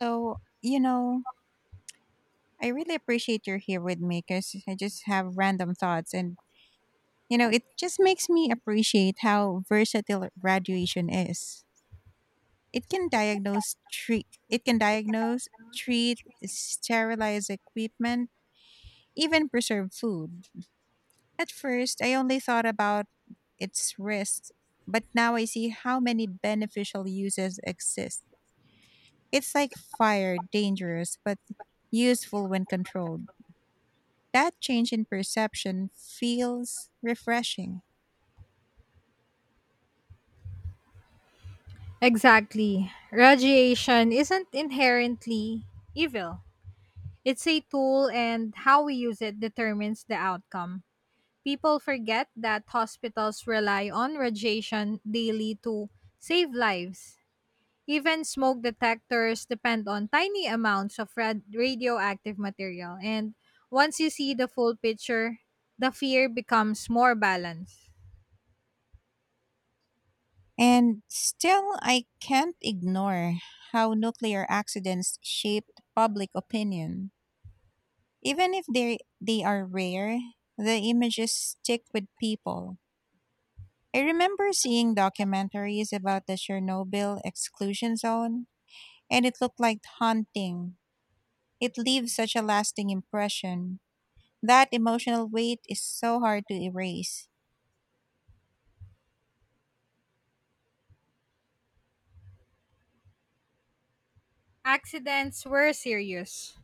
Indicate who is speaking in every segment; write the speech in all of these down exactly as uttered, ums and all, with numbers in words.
Speaker 1: So, you know, I really appreciate you're here with me because I just have random thoughts. And, you know, it just makes me appreciate how versatile radiation is. It can
Speaker 2: It can
Speaker 1: diagnose,
Speaker 2: diagnose.
Speaker 1: treat, it can
Speaker 2: It can
Speaker 1: diagnose,
Speaker 2: diagnose,
Speaker 1: treat,
Speaker 2: treat.
Speaker 1: sterilize equipment, even preserve food. At first, I only thought about its risks, but now I see how many beneficial uses exist. It's like fire, dangerous, but useful when controlled. That change in perception feels refreshing.
Speaker 2: Exactly. Radiation isn't inherently evil. It's a tool, and how we use it determines the outcome. People forget that hospitals rely on radiation daily to save lives. Even smoke detectors depend on tiny amounts of rad- radioactive material, and once you see the full picture, the fear becomes more balanced.
Speaker 1: And still, I can't ignore how nuclear accidents shaped public opinion. Even if they, they are rare, the images stick with people. I remember seeing documentaries about the Chernobyl exclusion zone, and it looked like haunting. It leaves such a lasting impression. That emotional weight is so hard to erase.
Speaker 2: Accidents were serious,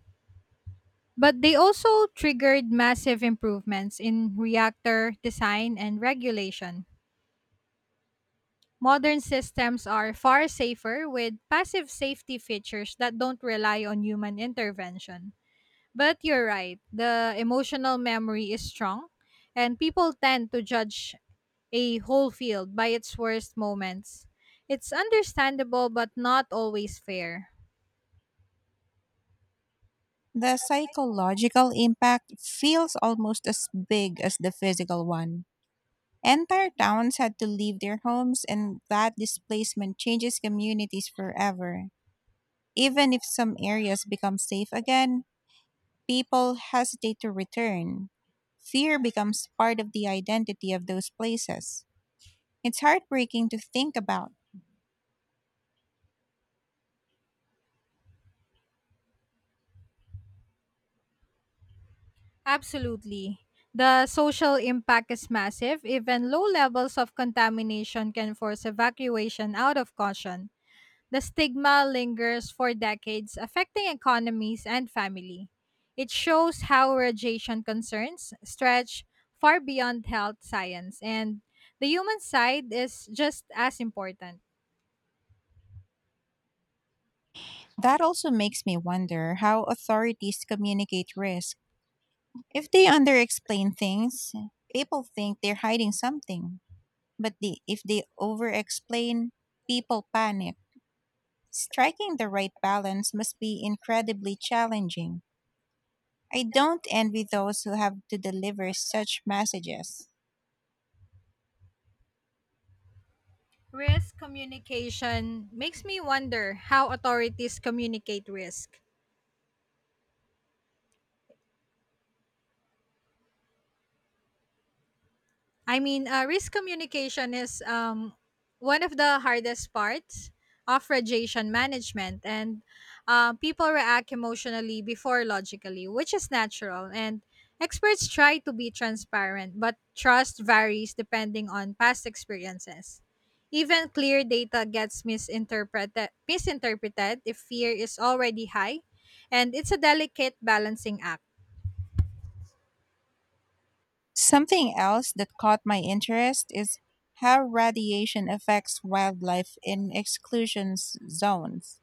Speaker 2: but they also triggered massive improvements in reactor design and regulation. Modern systems are far safer with passive safety features that don't rely on human intervention. But you're right, the emotional memory is strong, and people tend to judge a whole field by its worst moments. It's understandable but not always fair.
Speaker 1: The psychological impact feels almost as big as the physical one. Entire towns had to leave their homes, and that displacement changes communities forever. Even if some areas become safe again, people hesitate to return. Fear becomes part of the identity of those places. It's heartbreaking to think about.
Speaker 2: Absolutely. The social impact is massive. Even low levels of contamination can force evacuation out of caution. The stigma lingers for decades, affecting economies and family. It shows how radiation concerns stretch far beyond health science, and the human side is just as important.
Speaker 1: That also makes me wonder how authorities communicate risk. If they underexplain things, people think they're hiding something. But the, if they overexplain, people panic. Striking the right balance must be incredibly challenging. I don't envy those who have to deliver such messages.
Speaker 2: Risk communication makes me wonder how authorities communicate risk. I mean, uh, risk communication is um, one of the hardest parts of radiation management, and uh, people react emotionally before logically, which is natural. And experts try to be transparent, but trust varies depending on past experiences. Even clear data gets misinterpreted, misinterpreted if fear is already high, and it's a delicate balancing act.
Speaker 1: Something else that caught my interest is how radiation affects wildlife in exclusion s- zones.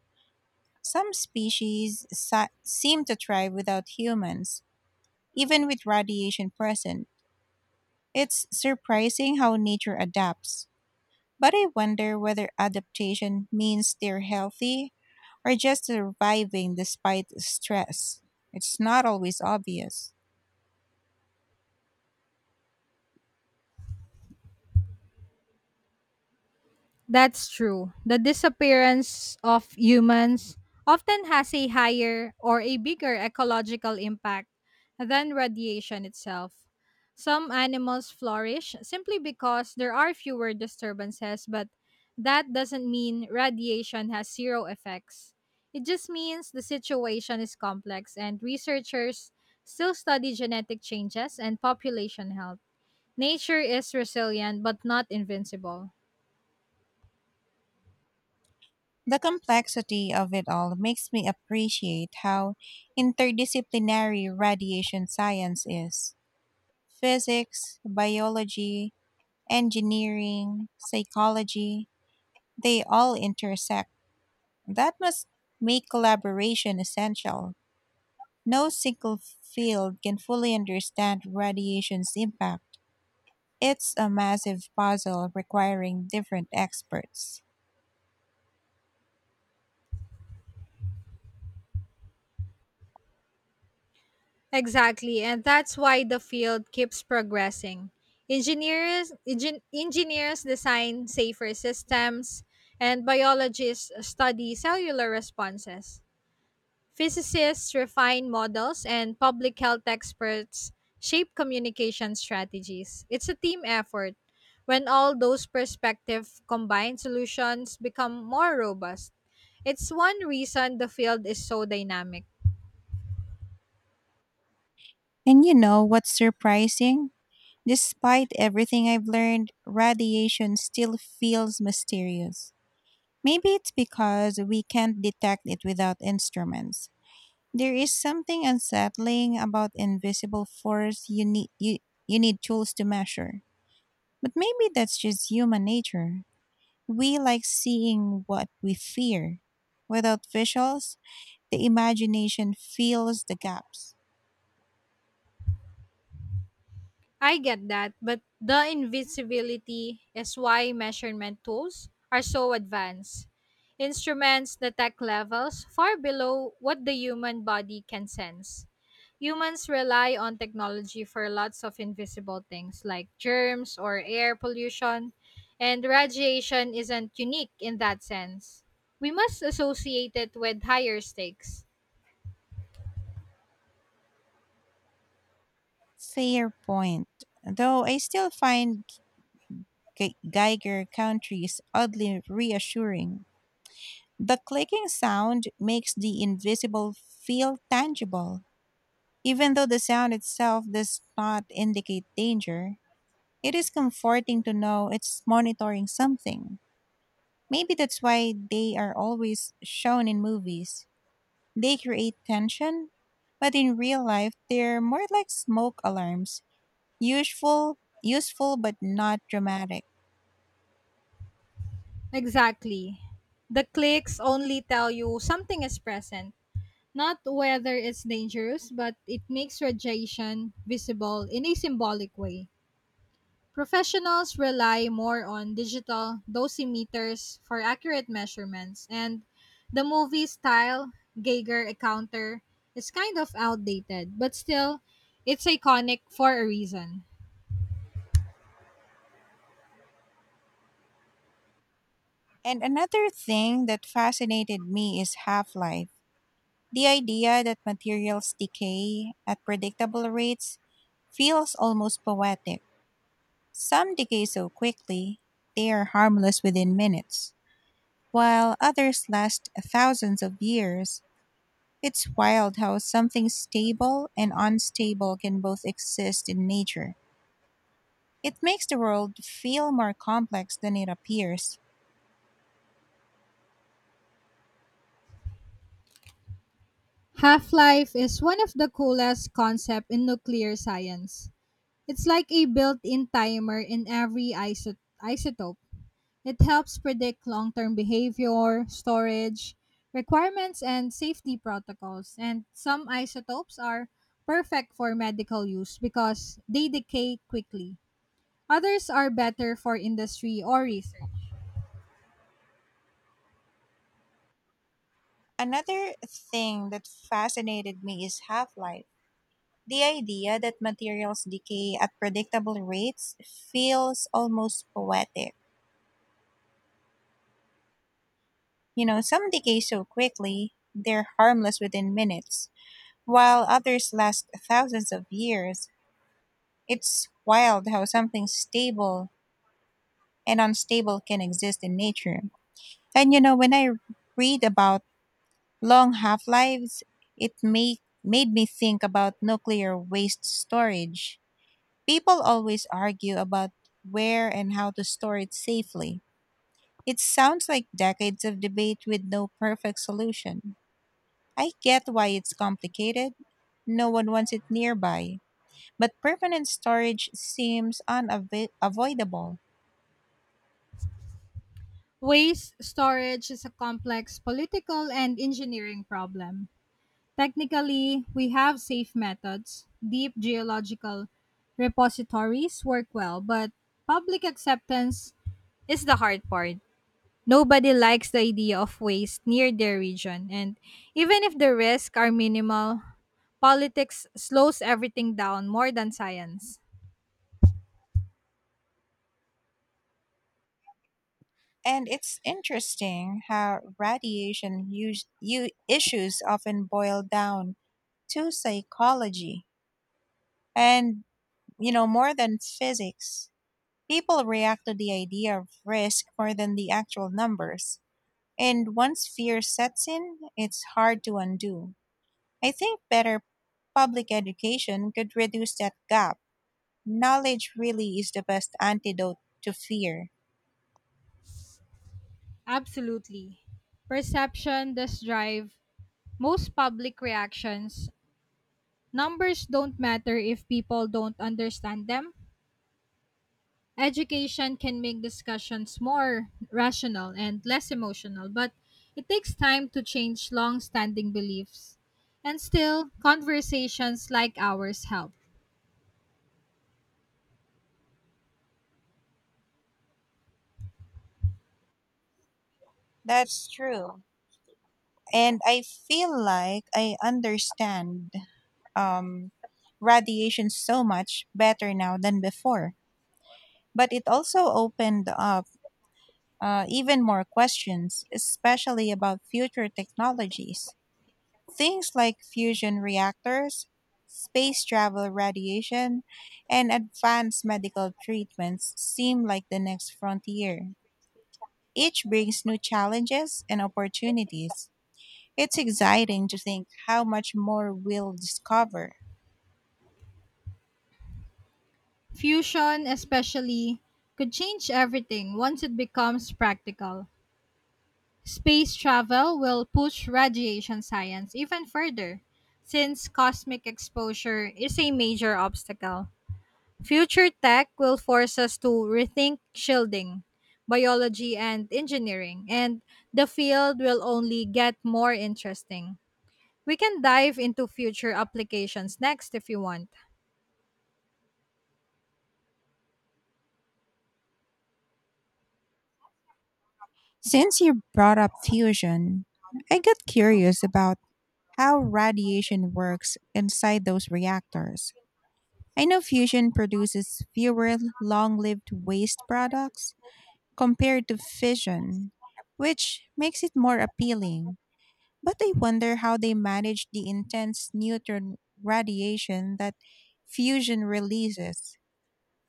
Speaker 1: Some species si- seem to thrive without humans, even with radiation present. It's surprising how nature adapts. But I wonder whether adaptation means they're healthy or just surviving despite stress. It's not always obvious.
Speaker 2: That's true. The disappearance of humans often has a higher or a bigger ecological impact than radiation itself. Some animals flourish simply because there are fewer disturbances, but that doesn't mean radiation has zero effects. It just means the situation is complex, and researchers still study genetic changes and population health. Nature is resilient but not invincible.
Speaker 1: The complexity of it all makes me appreciate how interdisciplinary radiation science is. Physics, biology, engineering, psychology, they all intersect. That must make collaboration essential. No single field can fully understand radiation's impact. It's a massive puzzle requiring different experts.
Speaker 2: Exactly, and that's why the field keeps progressing. Engineers, engin- engineers design safer systems, and biologists study cellular responses. Physicists refine models, and public health experts shape communication strategies. It's a team effort. When all those perspectives combine, solutions become more robust. It's one reason the field is so dynamic.
Speaker 1: And you know what's surprising? Despite everything I've learned, radiation still feels mysterious. Maybe it's because we can't detect it without instruments. There is something unsettling about invisible force you need, you, you need tools to measure. But maybe that's just human nature. We like seeing what we fear. Without visuals, the imagination fills the gaps.
Speaker 2: I get that, but the invisibility is why measurement tools are so advanced. Instruments detect levels far below what the human body can sense. Humans rely on technology for lots of invisible things like germs or air pollution, and radiation isn't unique in that sense. We must associate it with higher stakes.
Speaker 1: Fair point. Though I still find Ge- Geiger countries oddly reassuring. The clicking sound makes the invisible feel tangible. Even though the sound itself does not indicate danger, it is comforting to know it's monitoring something. Maybe that's why they are always shown in movies. They create tension, but in real life, they're more like smoke alarms, useful, useful but not dramatic.
Speaker 2: Exactly. The clicks only tell you something is present, not whether it's dangerous, but it makes radiation visible in a symbolic way. Professionals rely more on digital dosimeters for accurate measurements, and the movie style Geiger counter is kind of outdated, but still, it's iconic for a reason.
Speaker 1: And another thing that fascinated me is half life. The idea that materials decay at predictable rates feels almost poetic. Some decay so quickly, they are harmless within minutes, while others last thousands of years. It's wild how something stable and unstable can both exist in nature. It makes the world feel more complex than it appears.
Speaker 2: Half life is one of the coolest concepts in nuclear science. It's like a built in timer in every iso- isotope. It helps predict long term behavior, storage, requirements, and safety protocols. And some isotopes are perfect for medical use because they decay quickly. Others are better for industry or research.
Speaker 1: Another thing that fascinated me is half life. The idea that materials decay at predictable rates feels almost poetic. You know, some decay so quickly, they're harmless within minutes, while others last thousands of years. It's wild how something stable and unstable can exist in nature. And you know, when I read about long half lives, it made made me think about nuclear waste storage. People always argue about where and how to store it safely. It sounds like decades of debate with no perfect solution. I get why it's complicated. No one wants it nearby, but permanent storage seems unavoidable.
Speaker 2: Waste storage is a complex political and engineering problem. Technically, we have safe methods. Deep geological repositories work well, but public acceptance is the hard part. Nobody likes the idea of waste near their region, and even if the risks are minimal, politics slows everything down more than science.
Speaker 1: And it's interesting how radiation use, u- issues often boil down to psychology and, you know, more than physics. People react to the idea of risk more than the actual numbers. And once fear sets in, it's hard to undo. I think better public education could reduce that gap. Knowledge really is the best antidote to fear.
Speaker 2: Absolutely. Perception does drive most public reactions. Numbers don't matter if people don't understand them. Education can make discussions more rational and less emotional, but it takes time to change long standing beliefs. And still, conversations like ours help.
Speaker 1: That's true. And I feel like I understand um, radiation so much better now than before. But it also opened up uh, even more questions, especially about future technologies. Things like fusion reactors, space travel radiation, and advanced medical treatments seem like the next frontier. Each brings new challenges and opportunities. It's exciting to think how much more we'll discover.
Speaker 2: Fusion, especially, could change everything once it becomes practical. Space travel will push radiation science even further, since cosmic exposure is a major obstacle. Future tech will force us to rethink shielding, biology, and engineering, and the field will only get more interesting. We can dive into future applications next if you want.
Speaker 1: Since you brought up fusion, I got curious about how radiation works inside those reactors. I know fusion produces fewer long lived waste
Speaker 2: Compared to
Speaker 1: products
Speaker 2: fashion,
Speaker 1: compared to
Speaker 2: but she makes it
Speaker 1: fission,
Speaker 2: more appealing.
Speaker 1: which makes it more
Speaker 2: What they want.
Speaker 1: appealing. But I wonder how they manage the intense neutron radiation that fusion releases.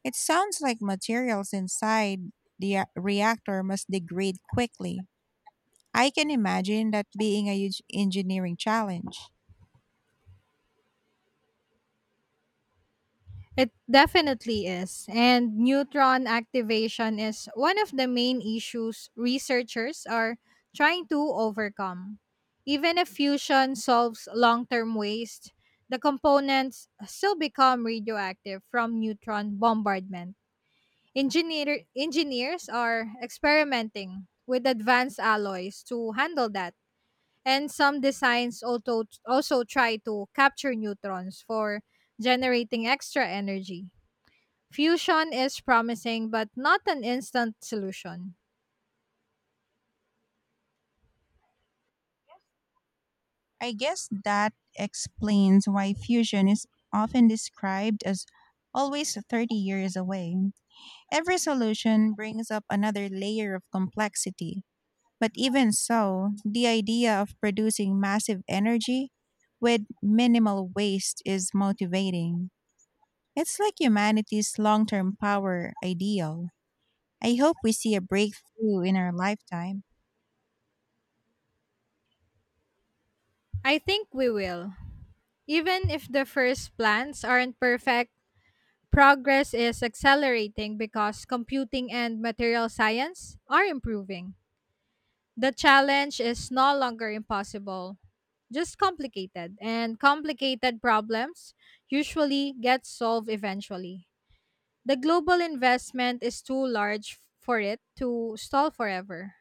Speaker 1: It sounds like materials inside the uh, reactor must degrade quickly. I can imagine that being a huge engineering challenge.
Speaker 2: It definitely is. And neutron activation is one of the main issues researchers are trying to overcome. Even if fusion solves long term waste, the components still become radioactive from neutron bombardment. Engineer, engineers are experimenting with advanced alloys to handle that. And some designs also, also try to capture neutrons for generating extra energy. Fusion is promising, but not an instant solution.
Speaker 1: I guess that explains why fusion is often described as always thirty years away. Every solution brings up another layer of complexity. But even so, the idea of producing massive energy with minimal waste is motivating. It's like humanity's long term power ideal. I hope we see a breakthrough in our lifetime.
Speaker 2: I think we will. Even if the first plans aren't perfect, progress is accelerating because computing and material science are improving. The challenge is no longer impossible, just complicated, and complicated problems usually get solved eventually. The global investment is too large for it to stall forever.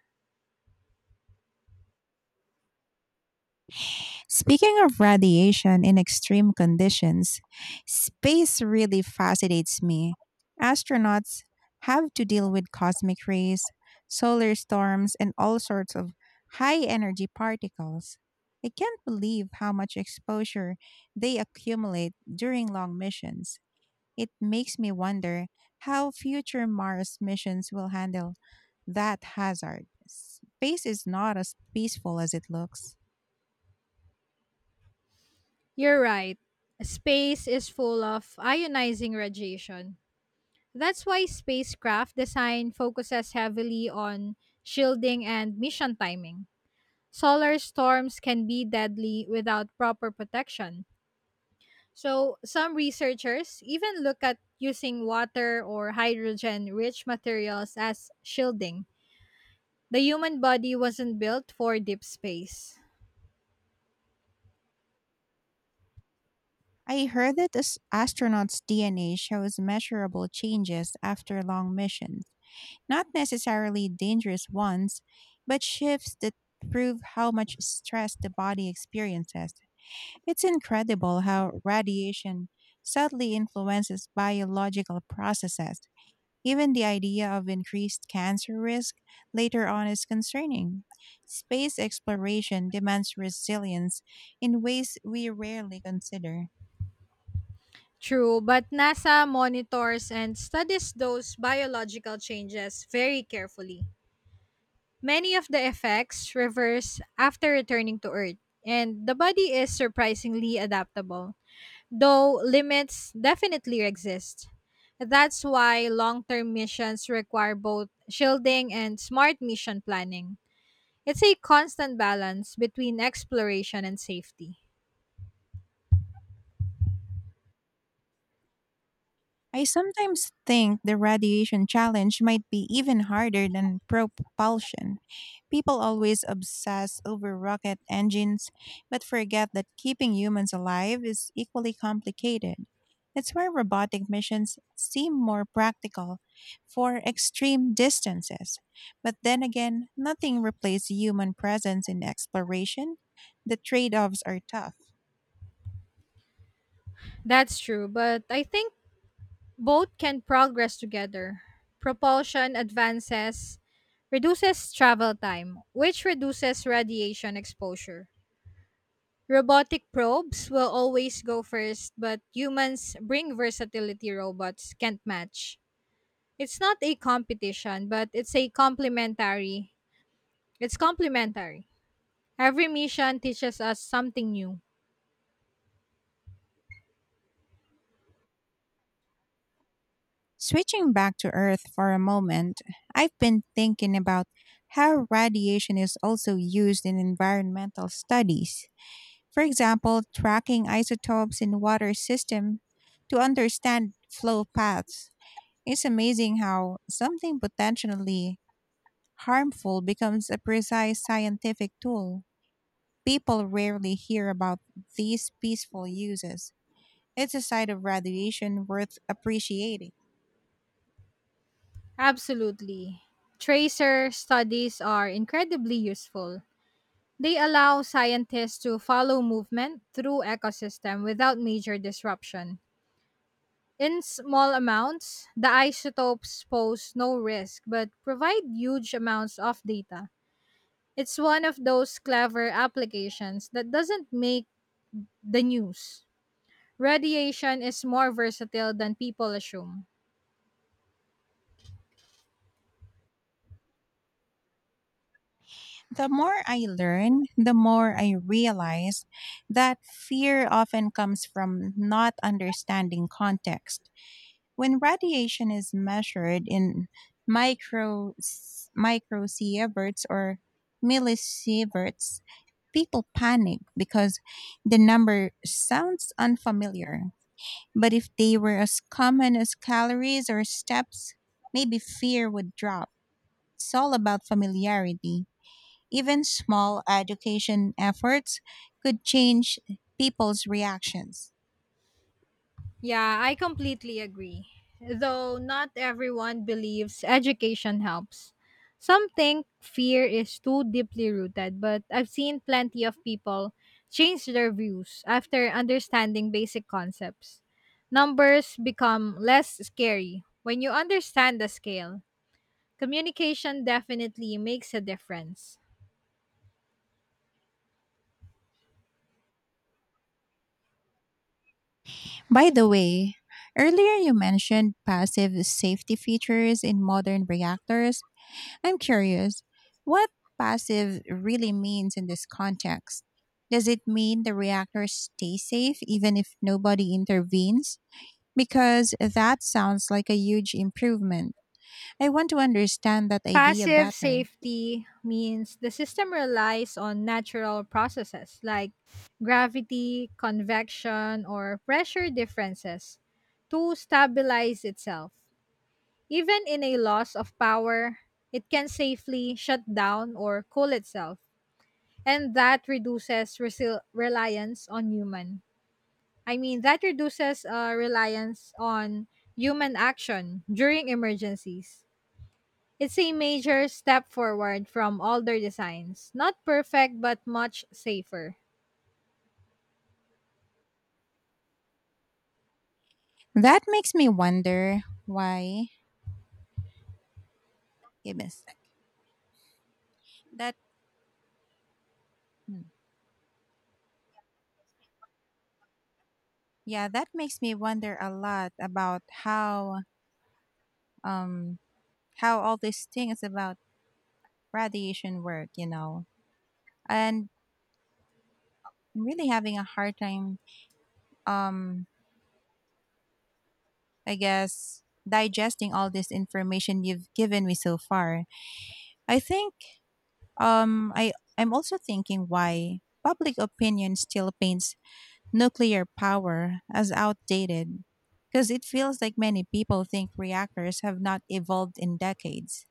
Speaker 1: Speaking of radiation in extreme conditions, space really fascinates me. Astronauts have to deal with cosmic rays, solar storms, and all sorts of high energy particles. I can't believe how much exposure they accumulate during long missions. It makes me wonder how future Mars missions will handle that hazard. Space is not as peaceful as it looks.
Speaker 2: You're right. Space is full of ionizing radiation. That's why spacecraft design focuses heavily on shielding and mission timing. Solar storms can be deadly without proper protection. So, some researchers even look at using water or hydrogen rich materials as shielding. The human body wasn't built for deep space.
Speaker 1: I heard that as astronauts' D N A shows measurable changes after long missions, not necessarily dangerous ones, but shifts that prove how much stress the body experiences. It's incredible how radiation subtly influences biological processes. Even the idea of increased cancer risk later on is concerning. Space exploration demands resilience in ways we rarely consider.
Speaker 2: True, but NASA monitors and studies those biological changes very carefully. Many of the effects reverse after returning to Earth, and the body is surprisingly adaptable, though limits definitely exist. That's why long term missions require both shielding and smart mission planning. It's a constant balance between exploration and safety.
Speaker 1: I sometimes think the radiation challenge might be even harder than propulsion. People always obsess over rocket engines, but forget that keeping humans alive is equally complicated. That's why robotic missions seem more practical for extreme distances. But then again, nothing replaces human presence in exploration. The trade offs are tough.
Speaker 2: That's true, but I think both can progress together. Propulsion advances, reduces travel time, which reduces radiation exposure. Robotic probes will always go first, but humans bring versatility robots can't match. It's not a competition, but it's a complementary. It's complementary. Every mission teaches us something new.
Speaker 1: Switching back to Earth for a moment, I've been thinking about how radiation is also used in environmental studies. For example, tracking isotopes in water system to understand flow paths. It's amazing how something potentially harmful becomes a precise scientific tool. People rarely hear about these peaceful uses. It's a side of radiation worth appreciating.
Speaker 2: Absolutely. Tracer studies are incredibly useful. They allow scientists to follow movement through ecosystem without major disruption. In small amounts, the isotopes pose no risk but provide huge amounts of data. It's one of those clever applications that doesn't make the news. Radiation is more versatile than people assume.
Speaker 1: The more I learn, the more I realize that fear often comes from not understanding context. When radiation is measured in micro microsieverts or millisieverts, people panic because the number sounds unfamiliar. But if they were as common as calories or steps, maybe fear would drop. It's all about familiarity. Even small education efforts could change people's reactions.
Speaker 2: Yeah, I completely agree. Though not everyone believes education helps. Some think fear is too deeply rooted, but I've seen plenty of people change their views after understanding basic concepts. Numbers become less scary when you understand the scale. Communication definitely makes a difference.
Speaker 1: By the way, earlier you mentioned passive safety features in modern reactors. I'm curious, what passive really means in this context? Does it mean the reactors stay safe even if nobody intervenes? Because that sounds like a huge improvement. I want to understand that idea
Speaker 2: Passive
Speaker 1: better.
Speaker 2: safety means the system relies on natural processes like gravity, convection, or pressure differences to stabilize itself. Even in a loss of power, it can safely shut down or cool itself, and that reduces resil- reliance on human. I mean, that reduces uh, reliance on human action during emergencies. It's a major step forward from older designs. Not perfect, but much safer.
Speaker 1: That makes me wonder why. Give me a sec. That mm, yeah, that makes me wonder a lot about how um how all these things about radiation work, you know. And I'm really having a hard time um I guess digesting all this information you've given me so far. I think um I I'm also thinking why public opinion still paints nuclear power as outdated because it feels like many people think reactors have not evolved in decades.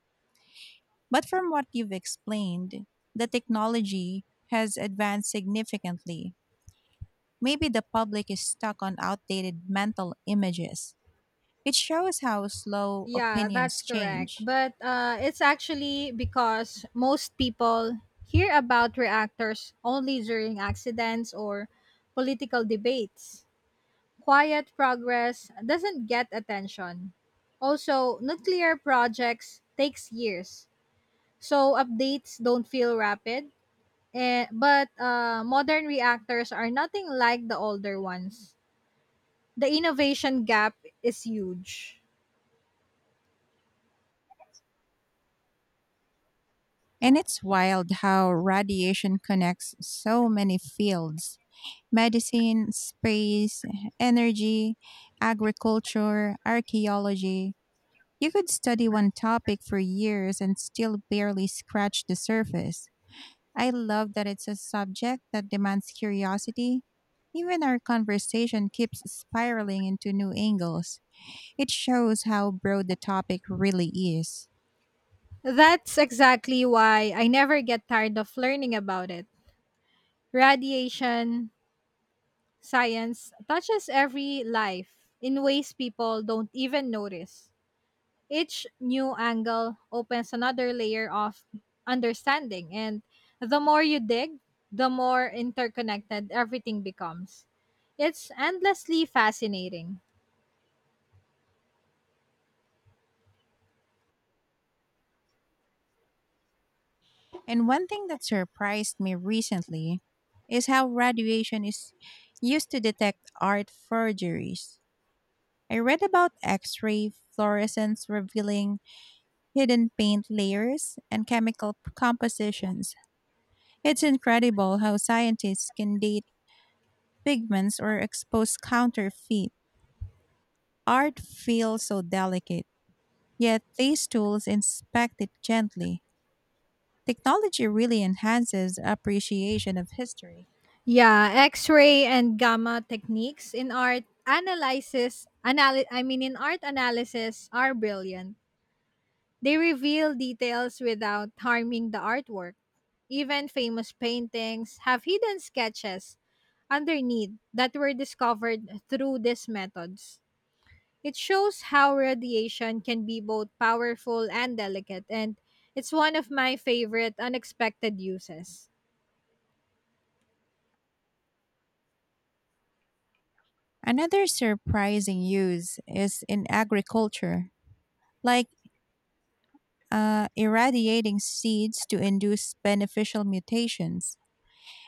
Speaker 1: But from what you've explained, the technology has advanced significantly. Maybe the public is stuck on outdated mental images. It shows how slow
Speaker 2: Yeah, that's
Speaker 1: opinions
Speaker 2: correct.
Speaker 1: change.
Speaker 2: But uh, it's actually because most people hear about reactors only during accidents or political debates. Quiet progress doesn't get attention. Also, nuclear projects takes years, so updates don't feel rapid. Eh, but uh, modern reactors are nothing like the older ones. The innovation gap is huge.
Speaker 1: And it's wild how radiation connects so many fields medicine, space, energy, agriculture, archaeology. You could study one topic for years and still barely scratch the surface. I love that it's a subject that demands curiosity. Even our conversation keeps spiraling into new angles. It shows how broad the topic really is.
Speaker 2: That's exactly why I never get tired of learning about it. Radiation science touches every life in ways people don't even notice. Each new angle opens another layer of understanding, and the more you dig, the more interconnected everything becomes. It's endlessly fascinating.
Speaker 1: And one thing that surprised me recently is how radiation is used to detect art forgeries. I read about X ray fluorescence revealing hidden paint layers and chemical compositions. It's incredible how scientists can date pigments or expose counterfeit. Art feels so delicate, yet these tools inspect it gently. Technology really enhances appreciation of history.
Speaker 2: Yeah, X-ray and gamma techniques in art analysis, anal- I mean in art analysis are brilliant. They reveal details without harming the artwork. Even famous paintings have hidden sketches underneath that were discovered through these methods. It shows how radiation can be both powerful and delicate and it's one of my favorite unexpected uses.
Speaker 1: Another surprising use is in agriculture, like uh, irradiating seeds to induce beneficial mutations.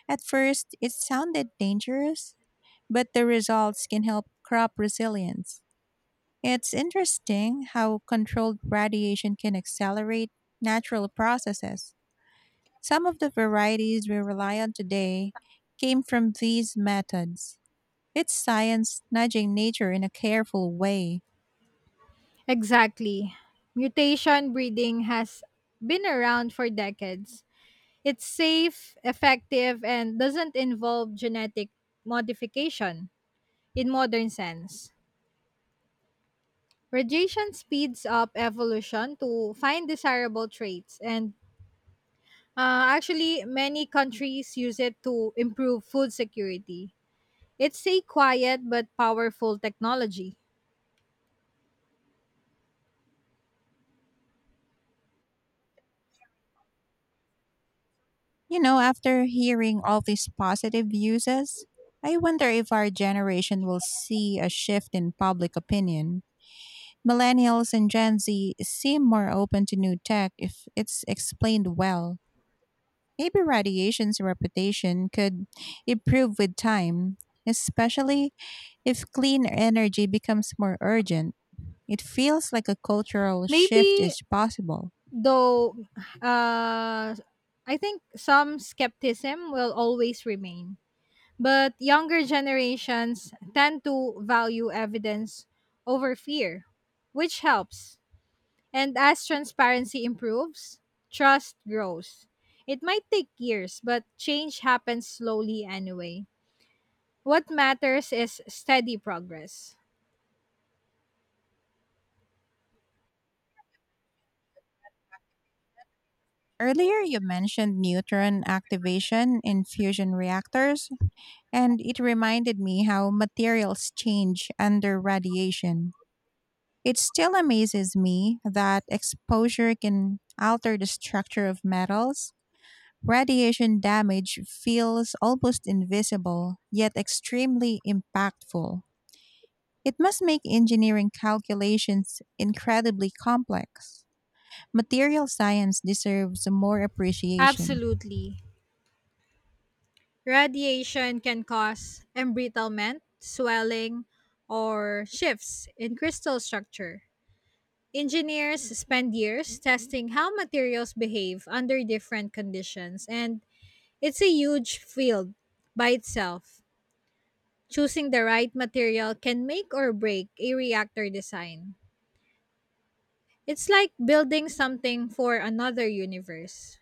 Speaker 1: At first, it sounded dangerous, but the results can help crop resilience. It's interesting how controlled radiation can accelerate natural processes. Some of the varieties we rely on today came from these methods. It's science nudging nature in a careful way.
Speaker 2: Exactly. Mutation breeding has been around for decades. It's safe, effective, and doesn't involve genetic modification in modern sense. Radiation speeds up evolution to find desirable traits, and uh, actually, many countries use it to improve food security. It's a quiet but powerful technology.
Speaker 1: You know, after hearing all these positive uses, I wonder if our generation will see a shift in public opinion. Millennials and Gen Z seem more open to new tech if it's explained well. Maybe radiation's reputation could improve with time, especially if clean energy becomes more urgent. It feels like a cultural shift
Speaker 2: Maybe.
Speaker 1: is possible.
Speaker 2: Though uh, I think some skepticism will always remain. But younger generations tend to value evidence over fear, which helps. And as transparency improves, trust grows. It might take years, but change happens slowly anyway. What matters is steady progress.
Speaker 1: Earlier, you mentioned neutron activation in fusion reactors, and it reminded me how materials change under radiation. It still amazes me that exposure can alter the structure of metals. Radiation damage feels almost invisible, yet extremely impactful. It must make engineering calculations incredibly complex. Material science deserves more appreciation.
Speaker 2: Absolutely. Radiation can cause embrittlement, swelling, or shifts in crystal structure. Engineers spend years testing how materials behave under different conditions, and it's a huge field by itself. Choosing the right material can make or break a reactor design. It's like building something for another universe.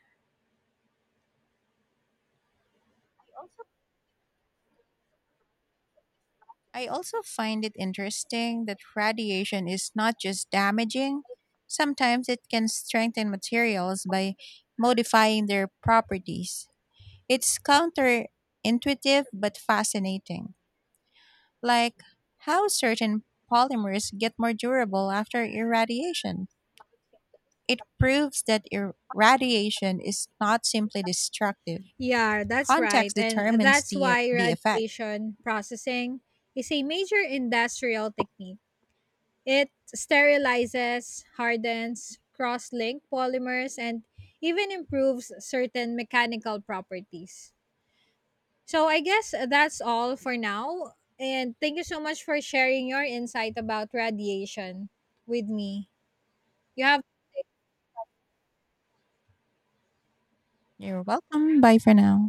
Speaker 1: I also find it interesting that radiation is not just damaging, sometimes it can strengthen materials by modifying their properties. It's counterintuitive but fascinating, like how certain polymers get more durable after irradiation. It proves that irradiation is not simply destructive.
Speaker 2: Yeah, that's right.
Speaker 1: Context
Speaker 2: And
Speaker 1: determines
Speaker 2: that's
Speaker 1: the,
Speaker 2: why
Speaker 1: the effect.
Speaker 2: radiation processing is a major industrial technique. It sterilizes, hardens, cross linked polymers, and even improves certain mechanical properties. So I guess that's all for now. And thank you so much for sharing your insight about radiation with me. You have
Speaker 1: You're welcome. Bye for now.